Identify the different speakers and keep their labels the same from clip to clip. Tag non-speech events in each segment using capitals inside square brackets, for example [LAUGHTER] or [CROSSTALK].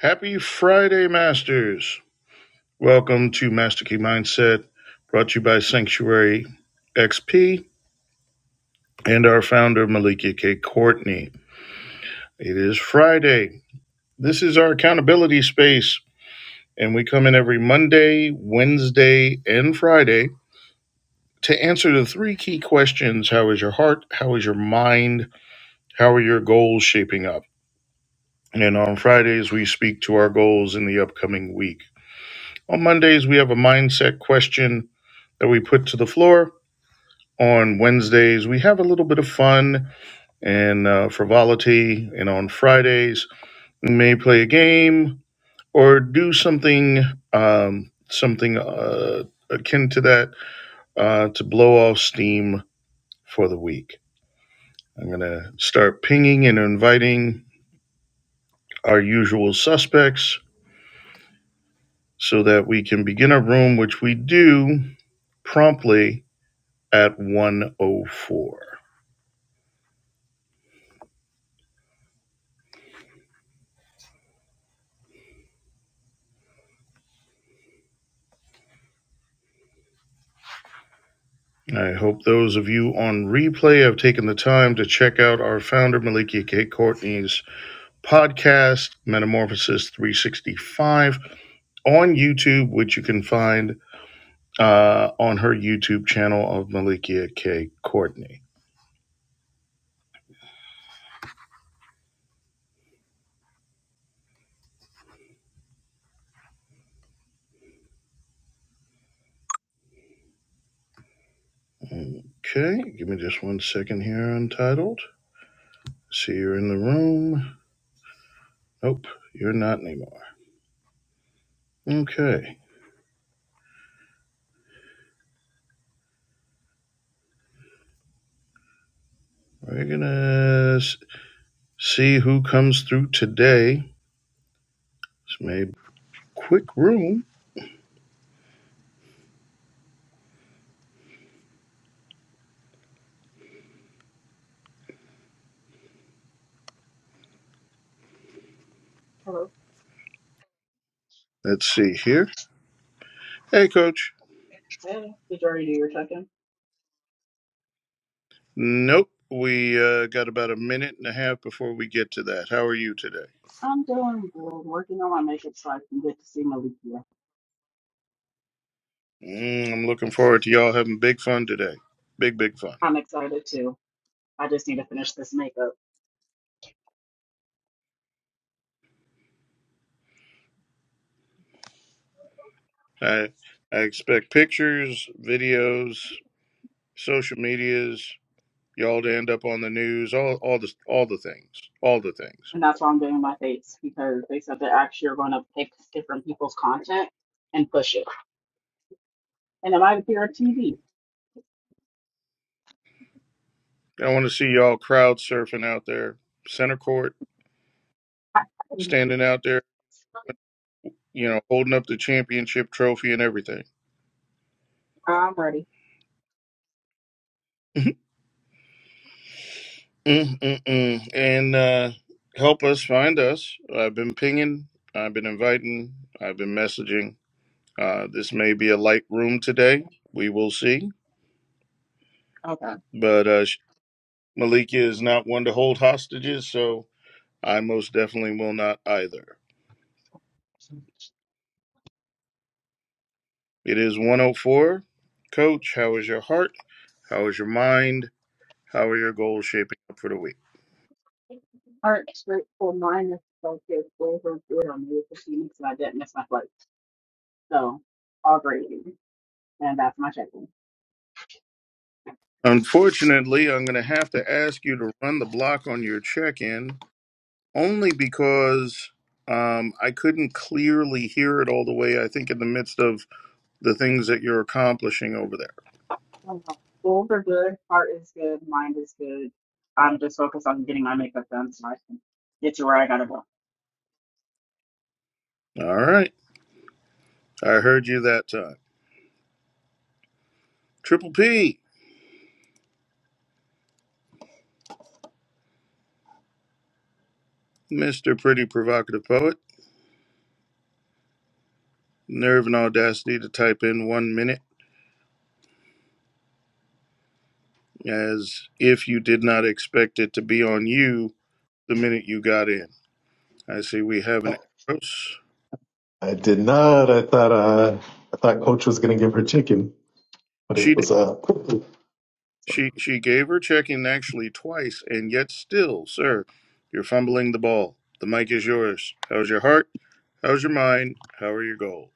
Speaker 1: Happy Friday, Masters. Welcome to Master Key Mindset, brought to you by Sanctuary XP and our founder, Malika K. Courtney. It is Friday. This is our accountability space, and we come in every Monday, Wednesday, and Friday to answer the three key questions How is your heart? How is your mind? How are your goals shaping up? And on Fridays, we speak to our goals in the upcoming week. On Mondays, we have a mindset question that we put to the floor on Wednesdays. We have a little bit of fun and uh, frivolity, and on Fridays we may play a game or do something um, something uh, akin to that uh, to blow off steam for the week. I'm gonna start pinging and inviting our usual suspects so that we can begin a room, which we do promptly at 104. I hope those of you on replay have taken the time to check out our founder, Malikia K. Courtney's podcast, Metamorphosis 365, on YouTube, which you can find uh, on her YouTube channel of Malikia K. Courtney. Okay, give me just one second here, Untitled. See you're in the room. Nope, you're not anymore. Okay, we're gonna see who comes through today. It's made quick room.
Speaker 2: Hello.
Speaker 1: Let's see here. Hey, Coach.
Speaker 2: Hey, did you already do your check-in?
Speaker 1: Nope. We uh, got about a minute and a half before we get to that. How are you today?
Speaker 2: I'm doing good. Working on my makeup so I can get to see Malikia.
Speaker 1: Mm, I'm looking forward to y'all having big fun today. Big, big fun.
Speaker 2: I'm excited too. I just need to finish this makeup.
Speaker 1: I, I expect pictures, videos, social medias, y'all to end up on the news, all, all, the, all the things. All the things.
Speaker 2: And that's why I'm doing my face because they said they're actually going to pick different people's content and push it. And it might appear on TV.
Speaker 1: I want to see y'all crowd surfing out there, center court, standing out there, you know, holding up the championship trophy and everything. [LAUGHS] Mm-mm-mm. And uh, help us find us. I've been pinging, I've been inviting, I've been messaging. Uh, this may be a light room today. We will see. But uh, Sh- Malika is not one to hold hostages, so I most definitely will not either. It is 104. Coach, how is your heart? How is your mind? How are your goals shaping up for the week?
Speaker 2: Okay. Aren't grateful minus focus over good on me with the Phoenix and I didn't miss my flight. So all gravy. And that's my check-in.
Speaker 1: Unfortunately, I'm going to have to ask you to run the block on your check in only because um, I couldn't clearly hear it all the way, I think, in the midst of the things that you're accomplishing over there.
Speaker 2: Uh, Goals are good, heart is good, mind is good. I'm just focused on getting my makeup done so I can get to where I gotta go.
Speaker 1: All right. I heard you that time. Triple P, Mr. Pretty Provocative Poet, nerve and audacity to type in one minute as if you did not expect it to be on you the minute you got in. I see we have an Eros.
Speaker 3: I did not. I thought uh, I thought Coach was going to give her chicken, but
Speaker 1: She
Speaker 3: it
Speaker 1: did.
Speaker 3: was a uh,
Speaker 1: She she gave her checking actually twice, and yet
Speaker 3: [LAUGHS]
Speaker 1: still, sir, you're fumbling the ball. The mic is yours. How's your heart? How's your mind? How are your goals?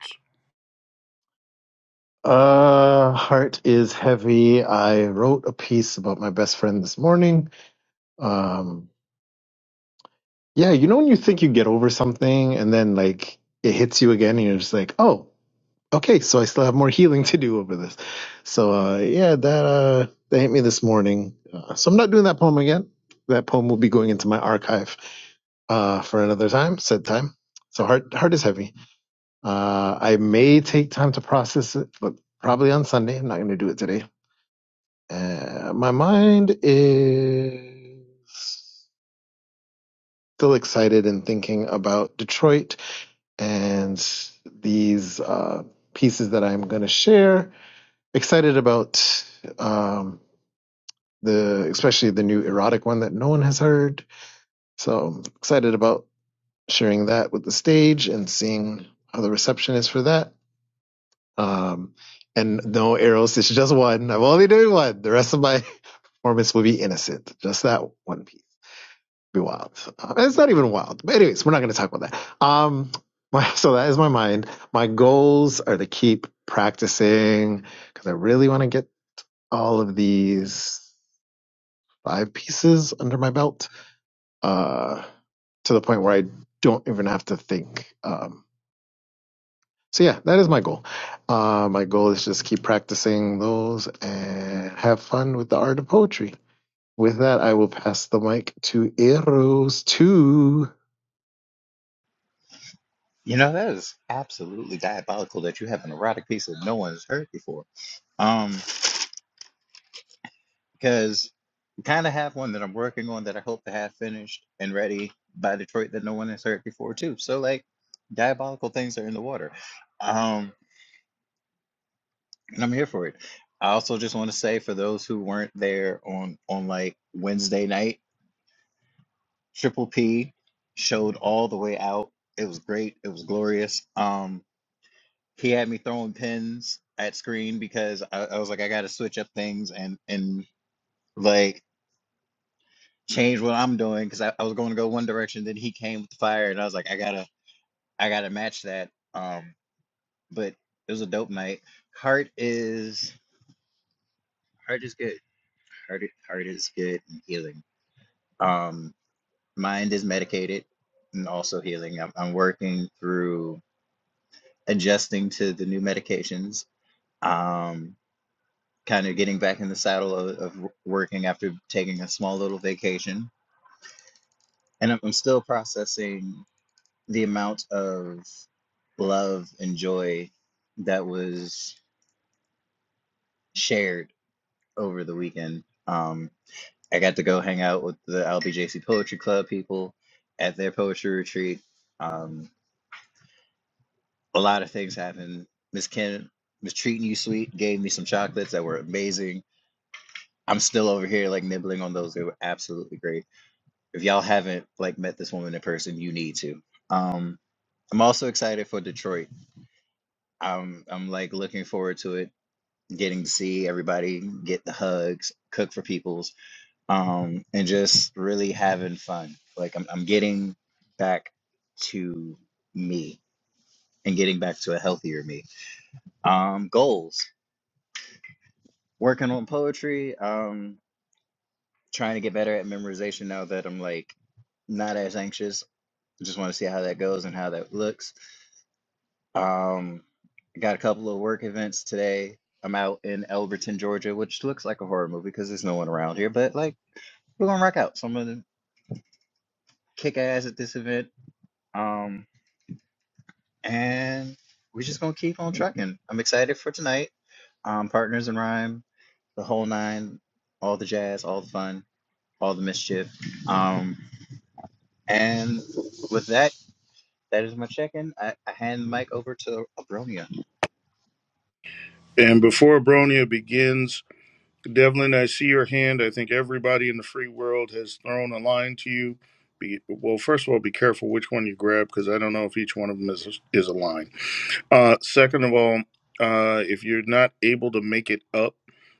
Speaker 3: uh, heart is heavy. I wrote a piece about my best friend this morning. Um, yeah, you know when you think you get over something and then like it hits you again, and you're just like, oh, okay, so I still have more healing to do over this. So uh, yeah, that uh, that hit me this morning. Uh, so I'm not doing that poem again. That poem will be going into my archive. uh, for another time, said time. So heart heart is heavy. Uh, I may take time to process it, but probably on Sunday. I'm not going to do it today. Uh, my mind is still excited and thinking about Detroit and these uh, pieces that I'm going to share. Excited about um, the especially the new erotic one that no one has heard. So excited about sharing that with the stage and seeing how the reception is for that. Um, and no arrows, it's just one. I'm only doing one. The rest of my [LAUGHS] performance will be innocent. Just that one piece. Be wild. Uh, it's not even wild. But anyways, we're not going to talk about that. Um, [LAUGHS] my, so that is my mind. My goals are to keep practicing because I really want to get all of these five pieces under my belt uh, to the point where I don't even have to think. Um, So yeah, that is my goal. Uh, my goal is just keep practicing those and have fun with the art of poetry. With that, I will pass the mic to Eros too.
Speaker 4: You know, that is absolutely diabolical that you have an erotic piece that no one has heard before. Um, because I kind of have one that I'm working on that I hope to have finished and ready by Detroit that no one has heard before too. So like diabolical things are in the water. Um, and I'm here for it. I also just want to say for those who weren't there on on like Wednesday night, Triple P showed all the way out. It was great. It was glorious. Um. he had me throwing pins at screen because I, I was like, I got to switch up things and and like change what I'm doing because I, I was going to go one direction. Then he came with the fire, and I was like, I gotta I gotta match that. Um, but it was a dope night. Heart is heart is good. Heart i- heart is good and healing. Um, mind is medicated and also healing. I'm, I'm working through adjusting to the new medications. Um, kind of getting back in the saddle of, of working after taking a small little vacation. And I'm, I'm still processing the amount of love and joy that was shared over the weekend. Um, I got to go hang out with the LBJC Poetry Club people at their poetry retreat. Um, a lot of things happened. Miss Ken was treating you sweet, gave me some chocolates that were amazing. I'm still over here like nibbling on those. They were absolutely great If y'all haven't like met this woman in person, you need to. Um, I'm also excited for Detroit. I'm I'm like looking forward to it, getting to see everybody, get the hugs, cook for peoples, um, and just really having fun. Like I'm I'm getting back to me and getting back to a healthier me. Um, goals. Working on poetry, um, trying to get better at memorization now that I'm like not as anxious. Just want to see how that goes and how that looks Um, I got a couple of work events today. I'm out in Elberton, Georgia, which looks like a horror movie because there's no one around here, but like we're gonna rock out. So I'm gonna kick ass at this event. Um, and we're just gonna keep on trucking. I'm excited for tonight. Um, Partners in Rhyme, the whole nine, all the jazz, all the fun, all the mischief. Um, and with that, that is my check-in. I, I hand the mic over to Abronia.
Speaker 1: And before Bronia begins, Devlin, I see your hand. I think everybody in the free world has thrown a line to you. Be, well, first of all, be careful which one you grab because I don't know if each one of them is is a line. Uh, second of all, uh, if you're not able to make it up,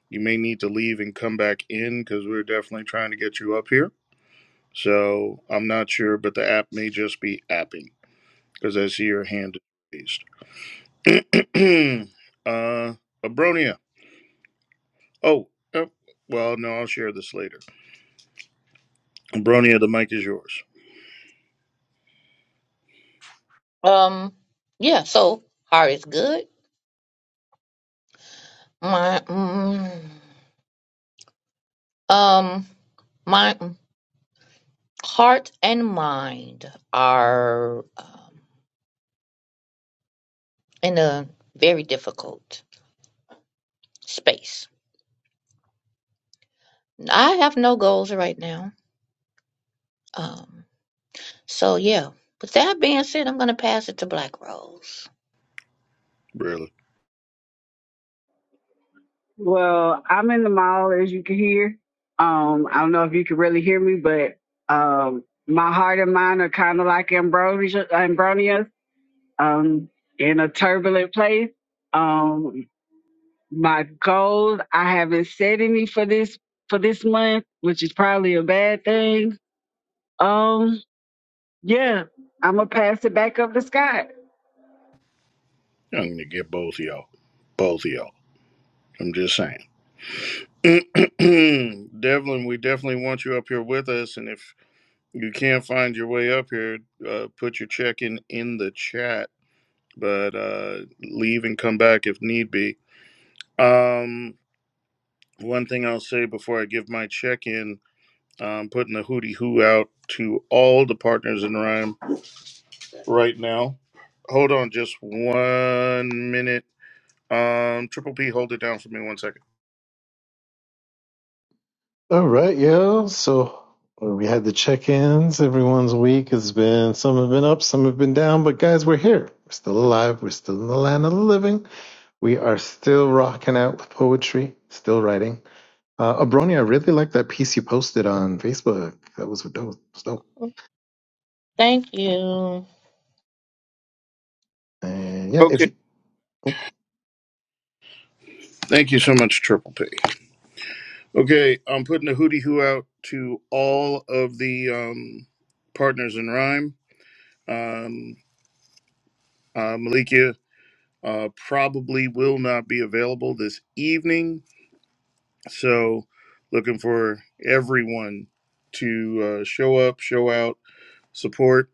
Speaker 1: you may need to leave and come back in because we're definitely trying to get you up here. So I'm not sure, but the app may just be apping because I see your hand is raised. [CLEARS THROAT] uh, Abronia. Oh, uh, well, no, I'll share this later. Abronia, the mic is yours.
Speaker 5: Um, yeah, so heart is good. My, mm, um, my mm, heart and mind are um, in a very difficult space. I have no goals right now. Um, so yeah. With that being said, I'm gonna pass it to Black Rose.
Speaker 1: Really?
Speaker 6: Well, I'm in the mall as you can hear. Um, I don't know if you can really hear me, but um, my heart and mind are kind of like ambrosia, ambronias, um, in a turbulent place. Um, my goals, I haven't set any for this for this month, which is probably a bad thing. Um, yeah, I'm gonna pass it back up to Scott.
Speaker 1: I'm going to get both of y'all. Both of y'all. I'm just saying. [CLEARS THROAT] Devlin, we definitely want you up here with us. And if you can't find your way up here, uh, put your check in in the chat, but uh, leave and come back if need be. Um, One thing I'll say before I give my check in, I'm putting the hootie hoo out to all the partners in Rhyme right now. Hold on just one minute. Um, Triple P, hold it down for me one second.
Speaker 3: All right, yo. So we had the check-ins. Everyone's week has been some have been up, some have been down, but guys, we're here. We're still alive. We're still in the land of the living. We are still rocking out with poetry, still writing. Uh, Abronia, I really like that piece you posted on Facebook. That was dope. That Was dope.
Speaker 5: Thank you.
Speaker 3: And yeah, if
Speaker 1: Okay.
Speaker 3: you
Speaker 1: Thank you so much, Triple P. Okay, I'm putting the hootie hoo out to all of the um, partners in Rhyme. Um, uh, Malikia uh, probably will not be available this evening So, looking for everyone to uh, show up, show out, support.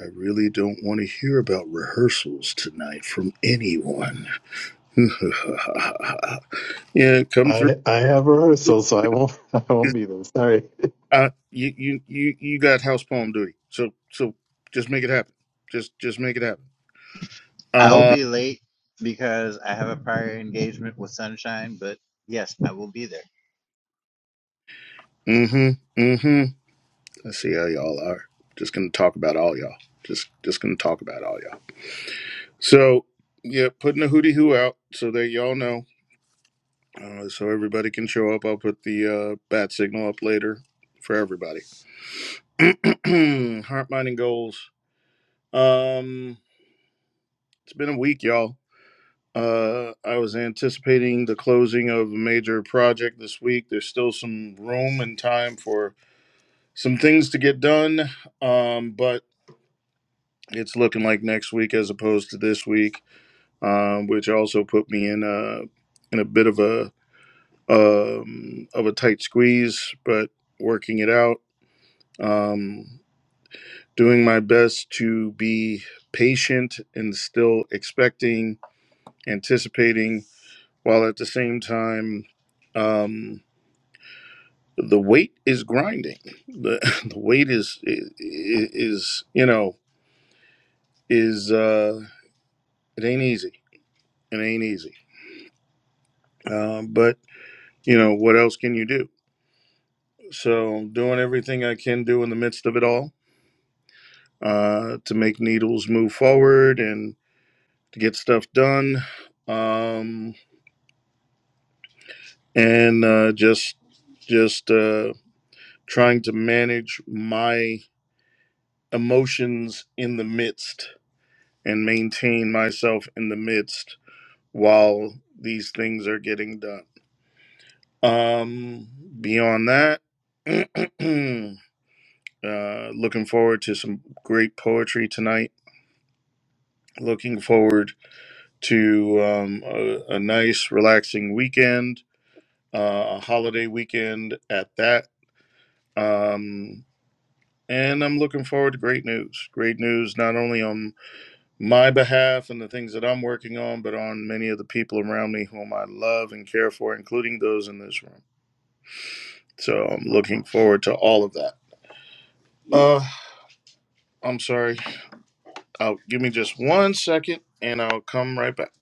Speaker 1: I really don't want to hear about rehearsals tonight from anyone. [LAUGHS] yeah, come through.
Speaker 3: I I have rehearsal, so I won't [LAUGHS] I won't be there. Sorry.
Speaker 1: Uh, you, you, you, you got house poem duty. So, so just make it happen. Just, just make it happen.
Speaker 4: I will
Speaker 1: Uh,
Speaker 4: be late because I have a prior engagement with Sunshine, but yes, I will be there.
Speaker 1: mm-hmm, mm-hmm. I see how y'all are. Just gonna talk about all y'all. Just, just gonna talk about all y'all. So, yeah, putting a hootie hoo out so that y'all know uh, so everybody can show up. I'll put the uh, bat signal up later for everybody. [CLEARS THROAT] Heart, mind, and goals. Um, it's been a week, y'all. Uh, I was anticipating the closing of a major project this week. There's still some room and time for some things to get done, um, but it's looking like next week as opposed to this week, um, which also put me in a in a bit of a um, of a tight squeeze. But working it out. um, doing my best to be patient and still expecting, anticipating, while at the same time, um, the weight is grinding. The, [LAUGHS] the weight is, is is you know is uh, it ain't easy. It ain't easy. Um, but you know what else can you do? So doing everything I can do in the midst of it all uh, to make needles move forward and to get stuff done. Um, and uh, just just uh, trying to manage my emotions in the midst and maintain myself in the midst while these things are getting done. Um, beyond that, [CLEARS THROAT] uh, looking forward to some great poetry tonight. Looking forward to um, a, a nice, relaxing weekend, uh, a holiday weekend at that. Um, And I'm looking forward to great news. Great news, not only on my behalf and the things that I'm working on, but on many of the people around me whom I love and care for, including those in this room. So I'm looking forward to all of that. Uh, I'm sorry. I'll, give me just one second and I'll come right back.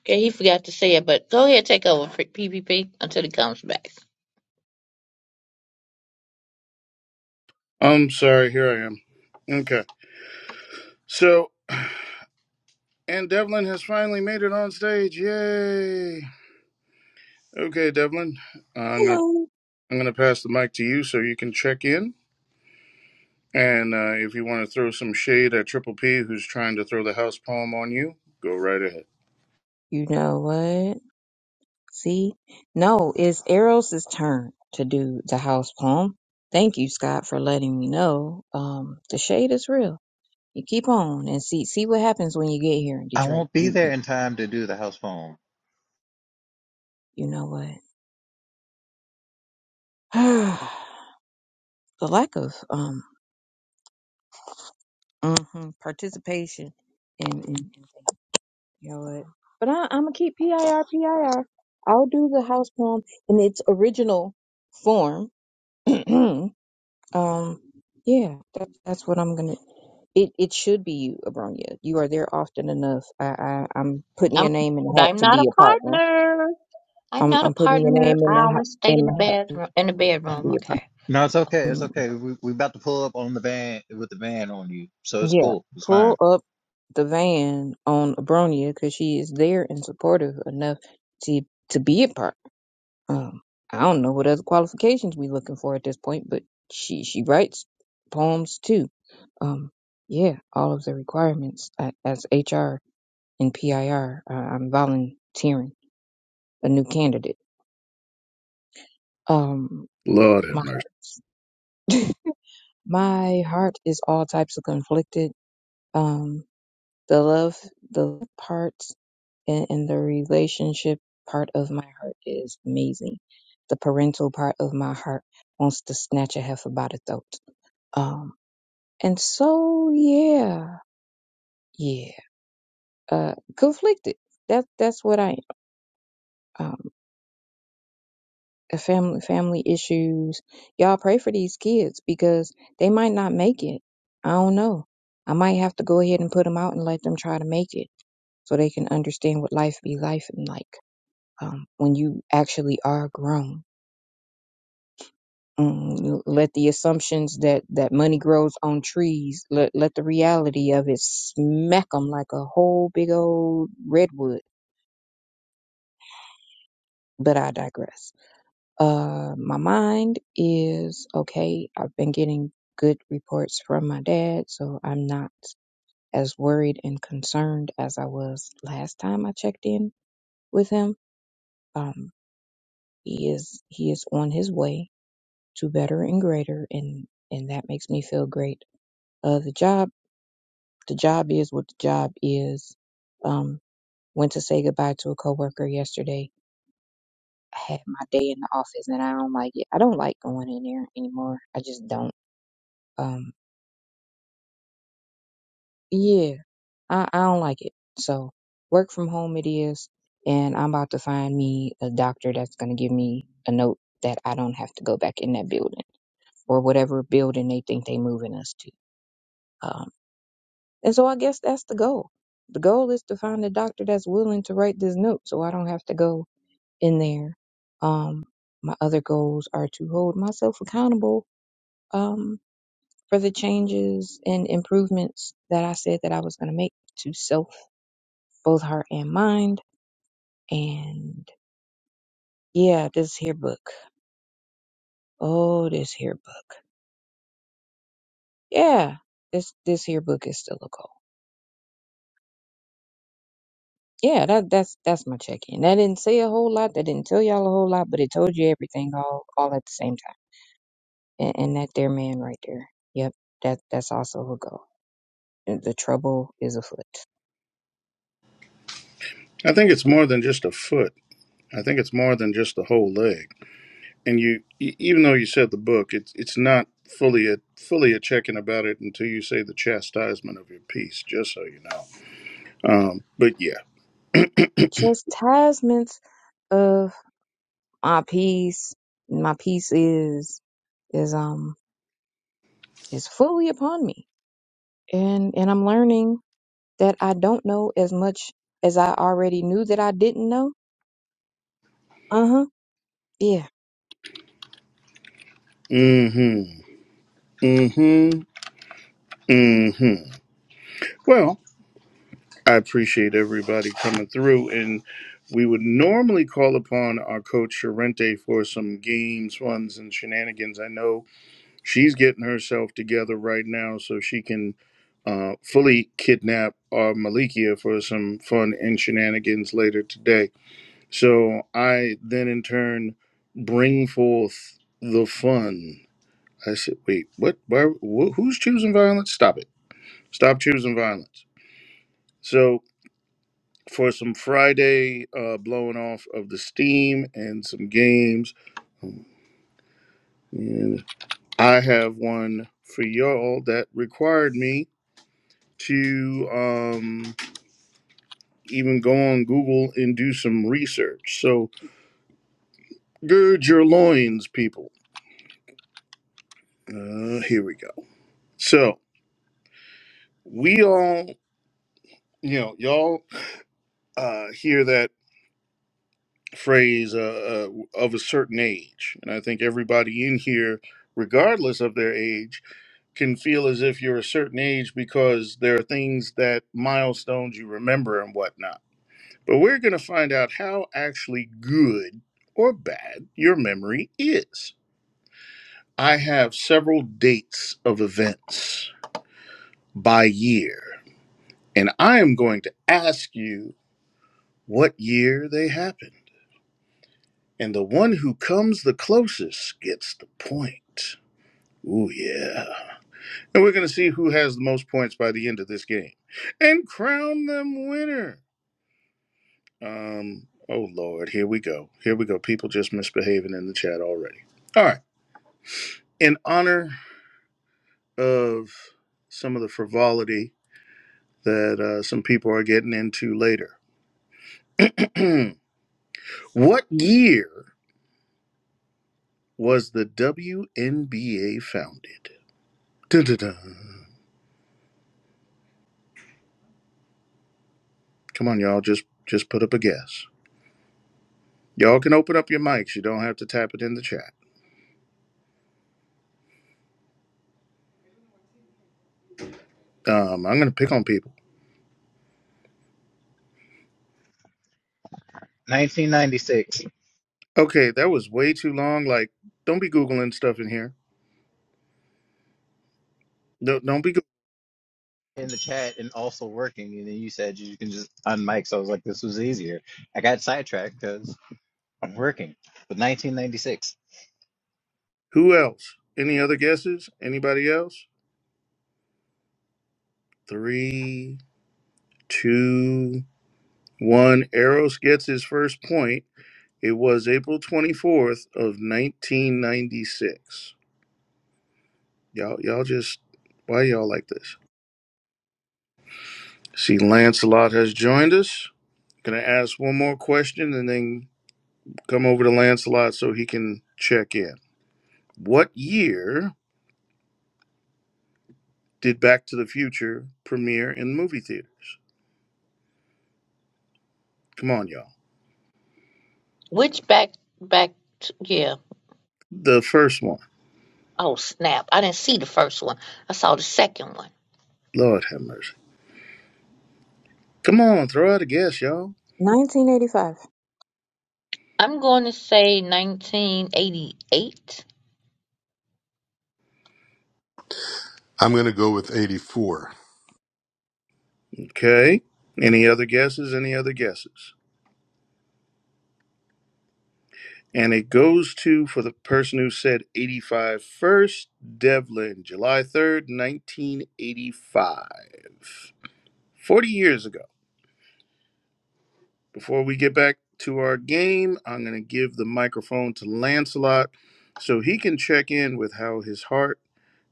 Speaker 5: Okay, he forgot to say it, but go ahead, take over for PPP until he comes back.
Speaker 1: I'm sorry. Here I am. Okay. So, and Devlin has finally made it on stage. Yay. Okay, Devlin. I'm going to.
Speaker 7: Hello.
Speaker 1: I'm going to pass the mic to you so you can check in. And uh, if you want to throw some shade at Triple P, who's trying to throw the house palm on you, go right ahead.
Speaker 7: You know what? See? No, it's Eros's turn to do the house poem. Thank you, Scott, for letting me know. Um, the shade is real. You keep on and see see what happens when you get here in
Speaker 4: I
Speaker 7: Detroit.
Speaker 4: won't be
Speaker 7: You,
Speaker 4: there
Speaker 7: you,
Speaker 4: in time to do the house phone.
Speaker 7: you know what? [SIGHS] the lack of um mhm, participation in, in you know what? But I, I'm gonna keep PIR PIR. I'll do the house poem in its original form. [CLEARS THROAT] Um, yeah, that's that's what I'm gonna. It it should be you, Abronia. You are there often enough. I, I I'm putting
Speaker 5: I'm,
Speaker 7: your name in the
Speaker 5: but
Speaker 7: hat
Speaker 5: I'm
Speaker 7: to
Speaker 5: not a
Speaker 7: be a partner.
Speaker 5: partner. I'm
Speaker 7: I'm
Speaker 5: not a
Speaker 7: I'm putting your
Speaker 5: partner.
Speaker 7: name in
Speaker 5: I
Speaker 7: the hat
Speaker 5: always stay
Speaker 7: in
Speaker 5: in the
Speaker 7: the hat
Speaker 5: bedroom. In the
Speaker 7: to
Speaker 5: bedroom,
Speaker 7: be a
Speaker 5: okay.
Speaker 4: No, it's okay. It's
Speaker 7: partner.
Speaker 4: okay. We we about to pull up on the van with the van on you, so it's
Speaker 7: Yeah,
Speaker 4: cool. It's
Speaker 7: pull
Speaker 4: fine.
Speaker 7: up the van on Abronia because she is there and supportive enough to to be a partner. Um, I don't know what other qualifications we looking for at this point, but she she writes poems too. Um, yeah, all of the requirements a- as HR and PIR. Uh, I'm volunteering a new candidate. Um,
Speaker 1: Lord have
Speaker 7: my
Speaker 1: mercy.
Speaker 7: heart, my heart is all types of conflicted. Um, the love, the part, and, and the relationship part of my heart is amazing. The parental part of my heart wants to snatch a heifer by the throat. Um, And so, yeah, yeah, uh, conflicted. That that's what I am. Um, a family family issues. Y'all pray for these kids because they might not make it. I don't know. I might have to go ahead and put them out and let them try to make it so they can understand what life be life and like um, when you actually are grown. Mm, let the assumptions that that money grows on trees. Let let the reality of it smack them like a whole big old redwood but I digress. Uh, my mind is okay. I've been getting good reports from my dad, so I'm not as worried and concerned as I was last time I checked in with him. Um, he is he is on his way to better and greater, and and that makes me feel great. Uh, the job the job is what the job is. Um, went to say goodbye to a coworker yesterday I had my day in the office and I don't like it. I don't like going in there anymore. I just don't. Um, yeah, I, I don't like it. So work from home it is, and I'm about to find me a doctor that's gonna give me a note that I don't have to go back in that building or whatever building they think they moving us to. Um, and so I guess that's the goal. The goal is to find a doctor that's willing to write this note so I don't have to go in there. Um, my other goals are to hold myself accountable. Um, for the changes and improvements that I said that I was going to make to self, both heart and mind. And yeah, this here book. Oh, this here book. Yeah, this this here book is still a goal. Yeah, that that's that's my check in. That didn't say a whole lot. That didn't tell y'all a whole lot, but it told you everything all all at the same time. And, and that there man right there. Yep, that that's also a goal. The trouble is afoot.
Speaker 1: I think it's more than just a foot. I think it's more than just the whole leg. And you, e- even though you said the book, it's it's not fully a fully a checking about it until you say the chastisement of your piece. Just so you know. Um, but yeah.
Speaker 7: Chastisements of my peace my peace is is um is fully upon me and and i'm learning that i don't know as much as i already knew that i didn't know uh-huh yeah
Speaker 1: Mm-hmm. Mm-hmm. Mm-hmm. Well, I appreciate everybody coming through. And we would normally call upon our coach Sorrente for some games, runs, and shenanigans. I know she's getting herself together right now so she can uh, fully kidnap our Malikia for some fun and shenanigans later today. So I then in turn bring forth the fun. I said, wait, what? Why, wh- who's choosing violence? Stop it. Stop choosing violence. So for some Friday uh, blowing off of the steam and some games. And I have one for y'all that required me to um, even go on Google and do some research. So gird your loins, people. Uh, here we go. So we all, you know, y'all uh, hear that phrase uh, uh, of a certain age. And I think everybody in here, regardless of their age, can feel as if you're a certain age because there are things that milestones you remember and whatnot. But we're going to find out how actually good or bad your memory is. I have several dates of events by year, and I am going to ask you what year they happened. And the one who comes the closest gets the point. Ooh, yeah. And we're going to see who has the most points by the end of this game and crown them winner. Um, oh Lord, here we go. Here we go. People just misbehaving in the chat already. All right. In honor of some of the frivolity that uh, some people are getting into later, [CLEARS THROAT] what year was the WNBA founded? Dun, dun, dun. Come on, y'all. Just just put up a guess. Y'all can open up your mics. You don't have to tap it in the chat. Um, I'm gonna pick on people.
Speaker 4: 1996
Speaker 1: Okay, that was way too long. Like, don't be googling stuff in here. No, Don't, be
Speaker 4: in the chat and also working, and then you said you can just unmic. So I was like, this was easier. I got sidetracked because I'm working. But 1996.
Speaker 1: Who else? Any other guesses? Anybody else? Three, two, one. Eros gets his first point. It was April 24th of 1996. Y'all, y'all just, why y'all like this? See, Lancelot has joined us. Gonna ask one more question and then come over to Lancelot so he can check in. What year did Back to the Future premiere in movie theaters? Come on, y'all.
Speaker 5: Which back back? Yeah.
Speaker 1: The first one.
Speaker 5: Oh snap! I didn't see the first one. I saw the second one.
Speaker 1: Lord have mercy. Come on, throw out a guess, y'all.
Speaker 7: 1985,
Speaker 5: I'm going to say 1988,
Speaker 8: I'm going to go with 84.
Speaker 1: Okay. Any other guesses? Any other guesses? And it goes to for the person who said 85, first Devlin, July 3rd, 1985. 40 years ago. Before we get back to our game, I'm going to give the microphone to Lancelot so he can check in with how his heart,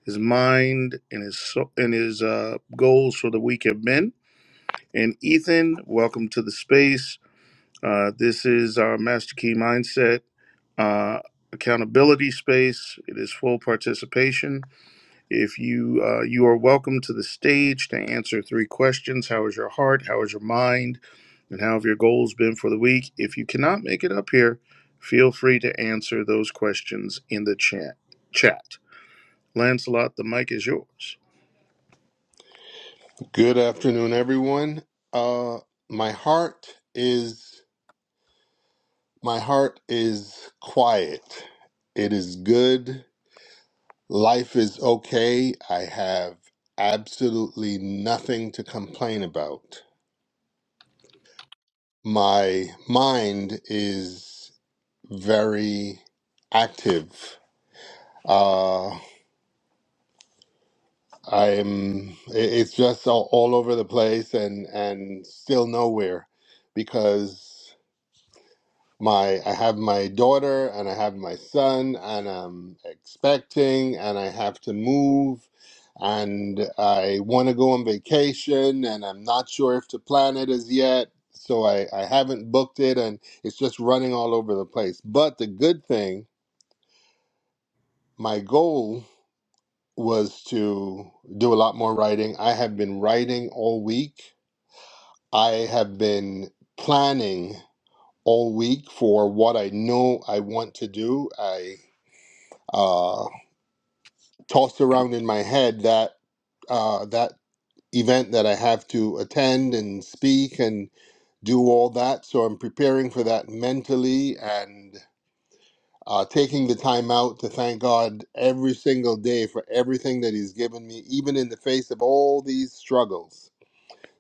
Speaker 1: his mind, and his so- and his uh, goals for the week have been. And Ethan, welcome to the space Uh, this is our Master Key Mindset uh, accountability space. It is full participation. If you uh, you are welcome to the stage to answer three questions: How is your heart? How is your mind? And how have your goals been for the week? If you cannot make it up here, feel free to answer those questions in the chat. Chat, Lancelot, the mic is yours.
Speaker 8: Good afternoon, everyone. Uh, my heart is my heart is quiet. It is good. Life is okay. I have absolutely nothing to complain about. My mind is very active. Uh, I'm. it- It's just all, all over the place and and still nowhere because my I have my daughter and I have my son and I'm expecting and I have to move and I want to go on vacation and I'm not sure if to plan it as yet. So I, I haven't booked it and it's just running all over the place. But the good thing, my goal was to do a lot more writing. I have been writing all week. I have been planning all week for what I know I want to do. I uh, tossed around in my head that uh, that event that I have to attend and speak and do all that. So I'm preparing for that mentally and uh, taking the time out to thank God every single day for everything that He's given me, even in the face of all these struggles.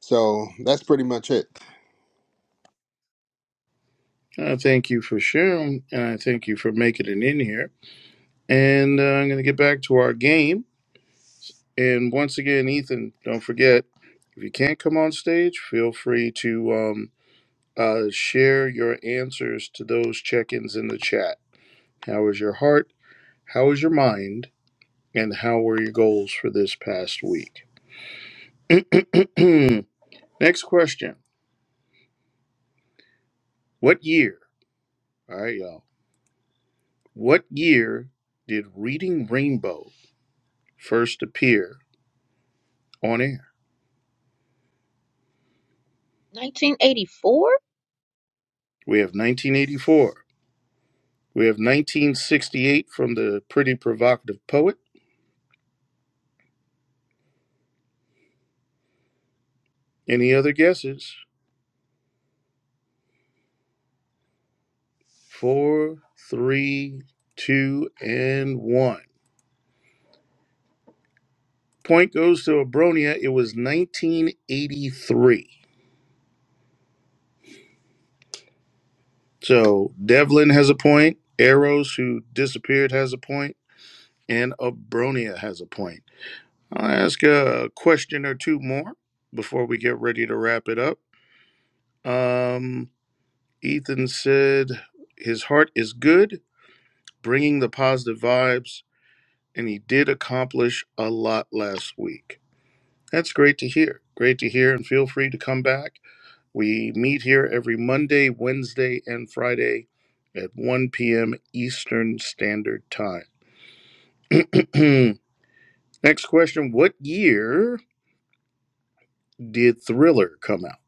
Speaker 8: So that's pretty much it.
Speaker 1: Uh, thank you for sharing, and I thank you for making it in here. And uh, I'm going to get back to our game. And once again, Ethan, don't forget if you can't come on stage, feel free to um, uh, share your answers to those check ins in the chat. How is your heart? How is your mind? And how were your goals for this past week? [CLEARS THROAT] Next question What year? All right, y'all. What year did Reading Rainbow first appear on air?
Speaker 5: 1984,
Speaker 1: We have 1984. We have 1968 from the Pretty Provocative Poet. Any other guesses? Four, three, two, and one. Point goes to Abronia. It was 1983. So Devlin has a point. Arrows, who disappeared, has a point, and Abronia has a point. I'll ask a question or two more before we get ready to wrap it up. Um, Ethan said his heart is good, bringing the positive vibes, and he did accomplish a lot last week. That's great to hear. Great to hear. And feel free to come back. We meet here every Monday, Wednesday, and Friday at 1 p.m. Eastern Standard Time. [CLEARS THROAT] Next question What year did Thriller come out?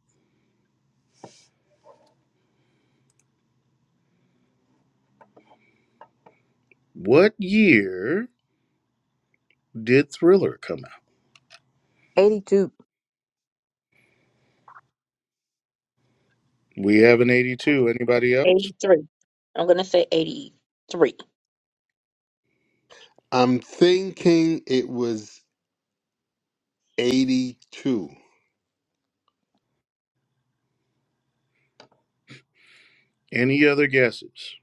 Speaker 1: What year did Thriller come out?
Speaker 7: 82,
Speaker 1: We have an 82. Anybody else?
Speaker 5: 83. I'm going to say 83.
Speaker 8: I'm thinking it was 82.
Speaker 1: Any other guesses?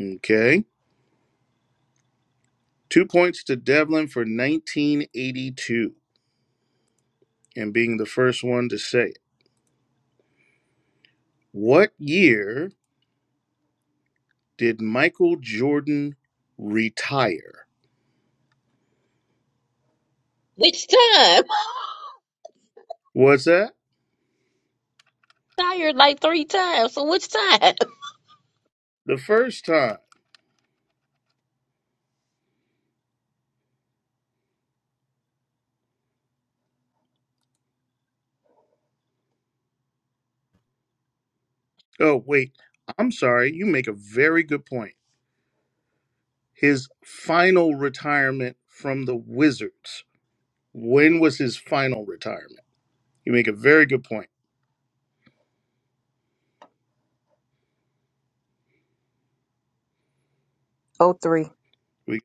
Speaker 1: Okay. Two points to Devlin for 1982 and being the first one to say it. What year did Michael Jordan retire?
Speaker 5: Which time?
Speaker 1: Was that
Speaker 5: [LAUGHS] Tired like three times. So which time? [LAUGHS]
Speaker 1: the first time? Oh, wait. I'm sorry. You make a very good point. His final retirement from the Wizards. When was his final retirement? You make a very good point.
Speaker 7: oh three,
Speaker 1: We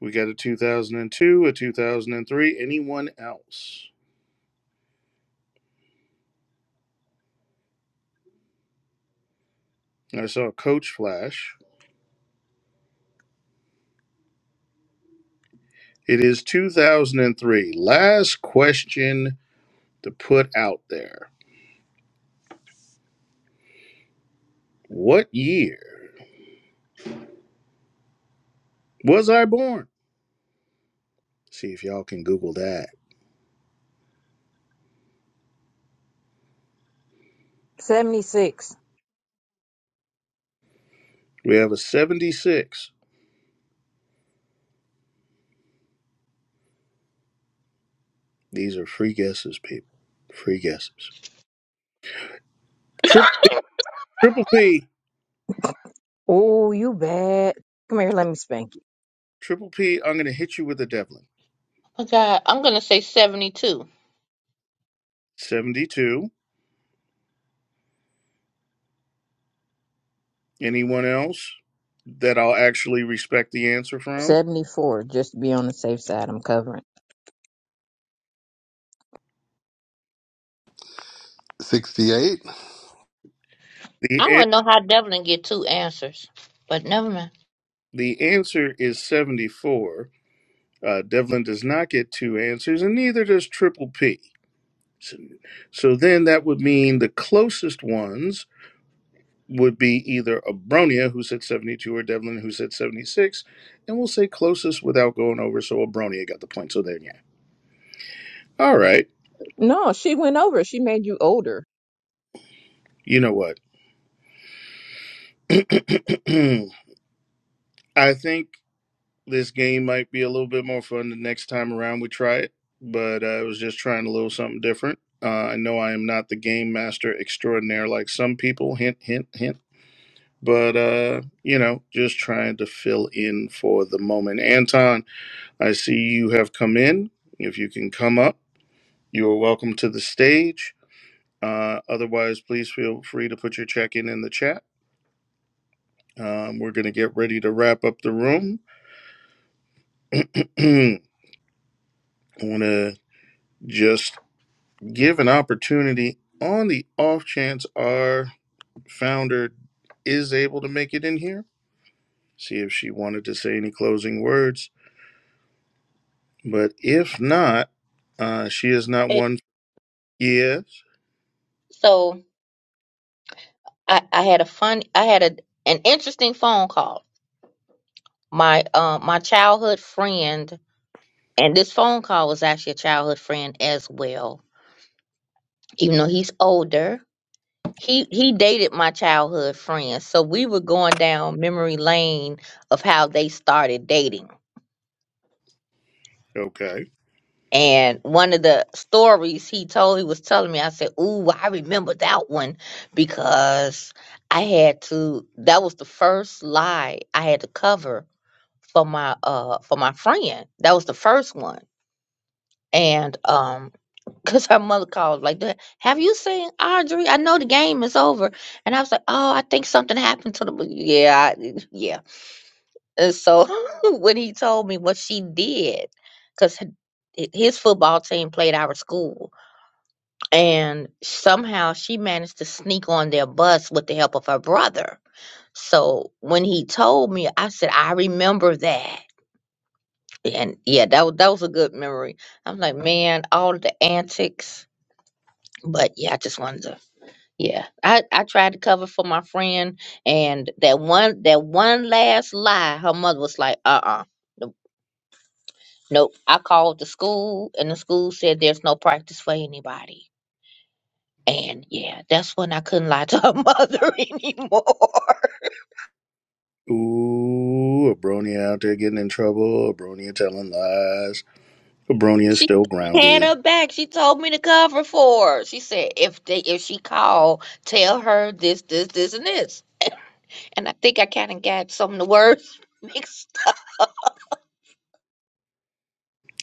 Speaker 1: we got a 2002, a 2003. Anyone else? I saw a coach flash. It is 2003. Last question to put out there. What year was I born? See if y'all can Google that.
Speaker 7: seventy six.
Speaker 1: We have a 76. These are free guesses, people. Free guesses. Triple, triple P.
Speaker 7: oh you bad come here let me spank you
Speaker 1: Triple P, I'm going to hit you with a Devlin.
Speaker 5: Oh God, I'm going to say 72.
Speaker 1: 72. Anyone else that I'll actually respect the answer from?
Speaker 7: 74 just to be on the safe side i'm covering
Speaker 8: 68?
Speaker 5: I
Speaker 1: The, an-
Speaker 5: want to know how Devlin get two answers, but never mind.
Speaker 1: the answer is 74. Uh, Devlin does not get two answers, and neither does Triple P. So, so then that would mean the closest ones would be either Abronia, who said 72, or Devlin, who said 76. And we'll say closest without going over. So Abronia got the point. So there, yeah. All right.
Speaker 7: no she went over she made you older
Speaker 1: You know what? [CLEARS THROAT] I think this game might be a little bit more fun the next time around we try it. But uh, I was just trying a little something different. Uh, I know I am not the game master extraordinaire like some people. Hint, hint, hint. But, uh, you know, just trying to fill in for the moment. Anton, I see you have come in. If you can come up, you are welcome to the stage. Uh, otherwise, please feel free to put your check in in the chat. Um, we're going to get ready to wrap up the room. [CLEARS THROAT] I want to just give an opportunity on the off chance our founder is able to make it in here. See if she wanted to say any closing words. But if not, uh, she is not
Speaker 5: Eh,
Speaker 1: one. Yes.
Speaker 5: So. I, I had a fun I had a an interesting phone call. My uh, my childhood friend and this phone call was actually a childhood friend as well. Even though he's older. He he dated my childhood friend. So we were going down memory lane of how they started dating.
Speaker 1: Okay.
Speaker 5: And one of the stories he told he was telling me, I said, Ooh, I remember that one because I had to that was the first lie I had to cover for my uh for my friend. That was the first one. And um [LAUGHS] because her mother called like that, have you seen Audrey? I know the game is over. And I was like, Oh, I think something happened to the bo-" yeah, I, yeah. And so [LAUGHS] when he told me what she did, because his football team played our school, and somehow she managed to sneak on their bus with the help of her brother. So when he told me, I said, I remember that and yeah, that was that was a good memory. I'm like, man, all the antics. But yeah, I just wanted to. Yeah, I I tried to cover for my friend, and that one that one last lie, her mother was like, uh uh nope, nope. I called the school, and the school said there's no practice for anybody. And yeah, that's when I couldn't lie to her [LAUGHS] mother anymore.
Speaker 1: Ooh, a brony out there getting in trouble. A brony telling lies. A brony is
Speaker 5: She
Speaker 1: still
Speaker 5: had
Speaker 1: grounded.
Speaker 5: her back. She told me to cover for her. She said if they if she called, tell her this, this, this, and this. and I think I kind of got some of the words [LAUGHS] mixed.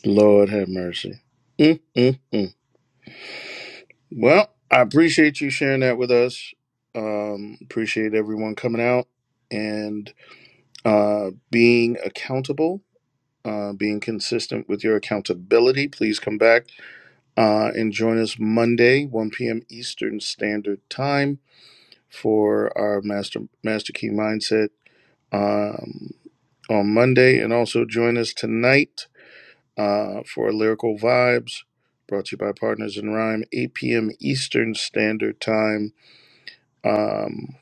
Speaker 1: Lord have mercy. Mm, mm, mm. Well, I appreciate you sharing that with us. Um, appreciate everyone coming out and uh, being accountable, uh, being consistent with your accountability. Please come back uh, and join us Monday, 1 p.m. Eastern Standard Time for our master master key mindset um, on Monday, and also join us tonight uh, for Lyrical Vibes, brought to you by Partners in Rhyme, 8 p.m. Eastern Standard Time um,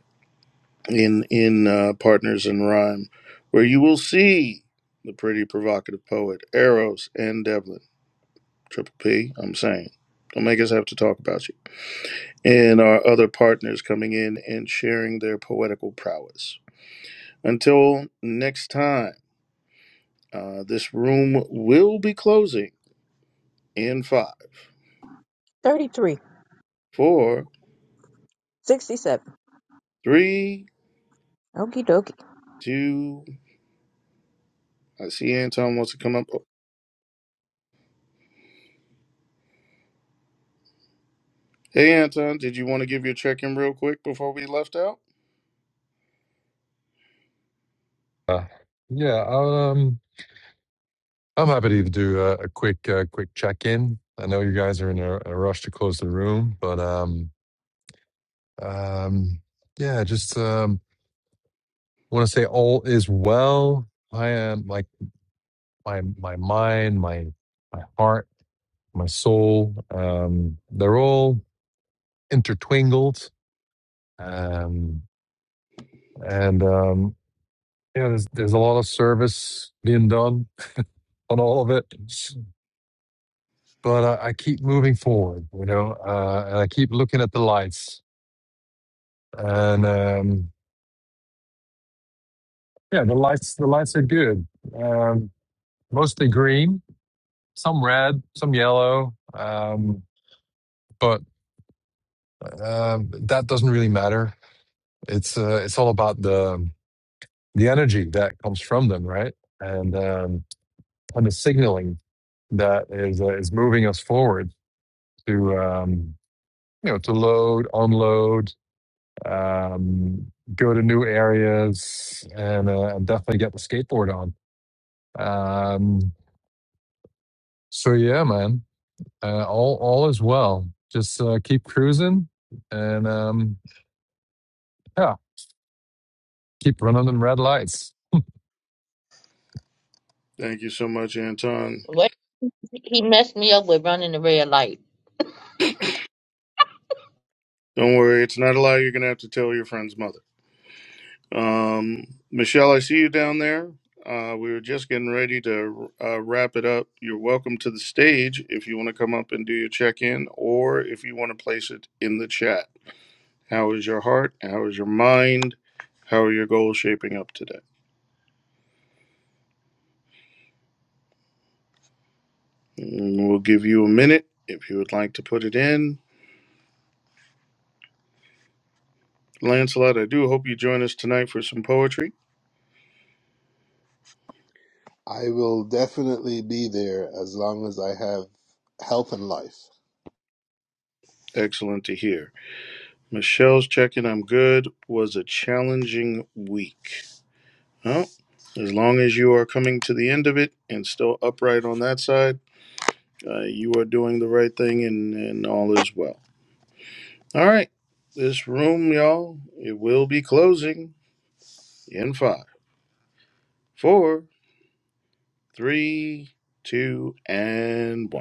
Speaker 1: in in uh, Partners in Rhyme, where you will see the pretty provocative poet Eros and Devlin Triple P. I'm saying. Don't make us have to talk about you. And our other partners coming in and sharing their poetical prowess. Until next time, uh, this room will be closing in five,
Speaker 7: Thirty three,
Speaker 1: four,
Speaker 7: sixty seven.
Speaker 1: three,
Speaker 7: Okie dokie.
Speaker 1: two. I see Anton wants to come up. Oh, Hey, Anton, did you want to give your check in real quick before we left out?
Speaker 9: Uh, yeah, um, I'm happy to do a, a quick, uh, quick check-in. I know you guys are in a, a rush to close the room, but um, um, yeah, just um, want to say all is well. I am like my my mind, my my heart, my soul. Um, they're all intertwingled, um, and um, yeah, there's there's a lot of service being done on all of it. but I, I keep moving forward, you know, uh, and I keep looking at the lights. And um, yeah, the lights, the lights are good. Um, mostly green, some red, some yellow, um, but um, that doesn't really matter. It's uh, it's all about the the energy that comes from them, right? And um, and the signaling that is uh, is moving us forward to um, you know to load, unload, um, go to new areas, and, uh, and definitely get the skateboard on. Um, so yeah, man, uh, all all is well. Just uh, keep cruising, and um, yeah, keep running them red lights.
Speaker 1: Thank you so much, Anton.
Speaker 5: What he messed me up with running the red light.
Speaker 1: Don't worry, it's not a lie. You're going to have to tell your friend's mother. Um, Michelle, I see you down there. Uh, we were just getting ready to uh, wrap it up. You're welcome to the stage if you want to come up and do your check in, or if you want to place it in the chat. How is your heart? How is your mind? How are your goals shaping up today? And we'll give you a minute if you would like to put it in. Lancelot, I do hope you join us tonight for some poetry.
Speaker 8: I will definitely be there as long as I have health and life.
Speaker 1: Excellent to hear. Michelle's checking I'm good was a challenging week. Well, as long as you are coming to the end of it and still upright on that side, uh, you are doing the right thing and, and all is well. All right. This room, y'all, it will be closing in five, four, Three, two, and one.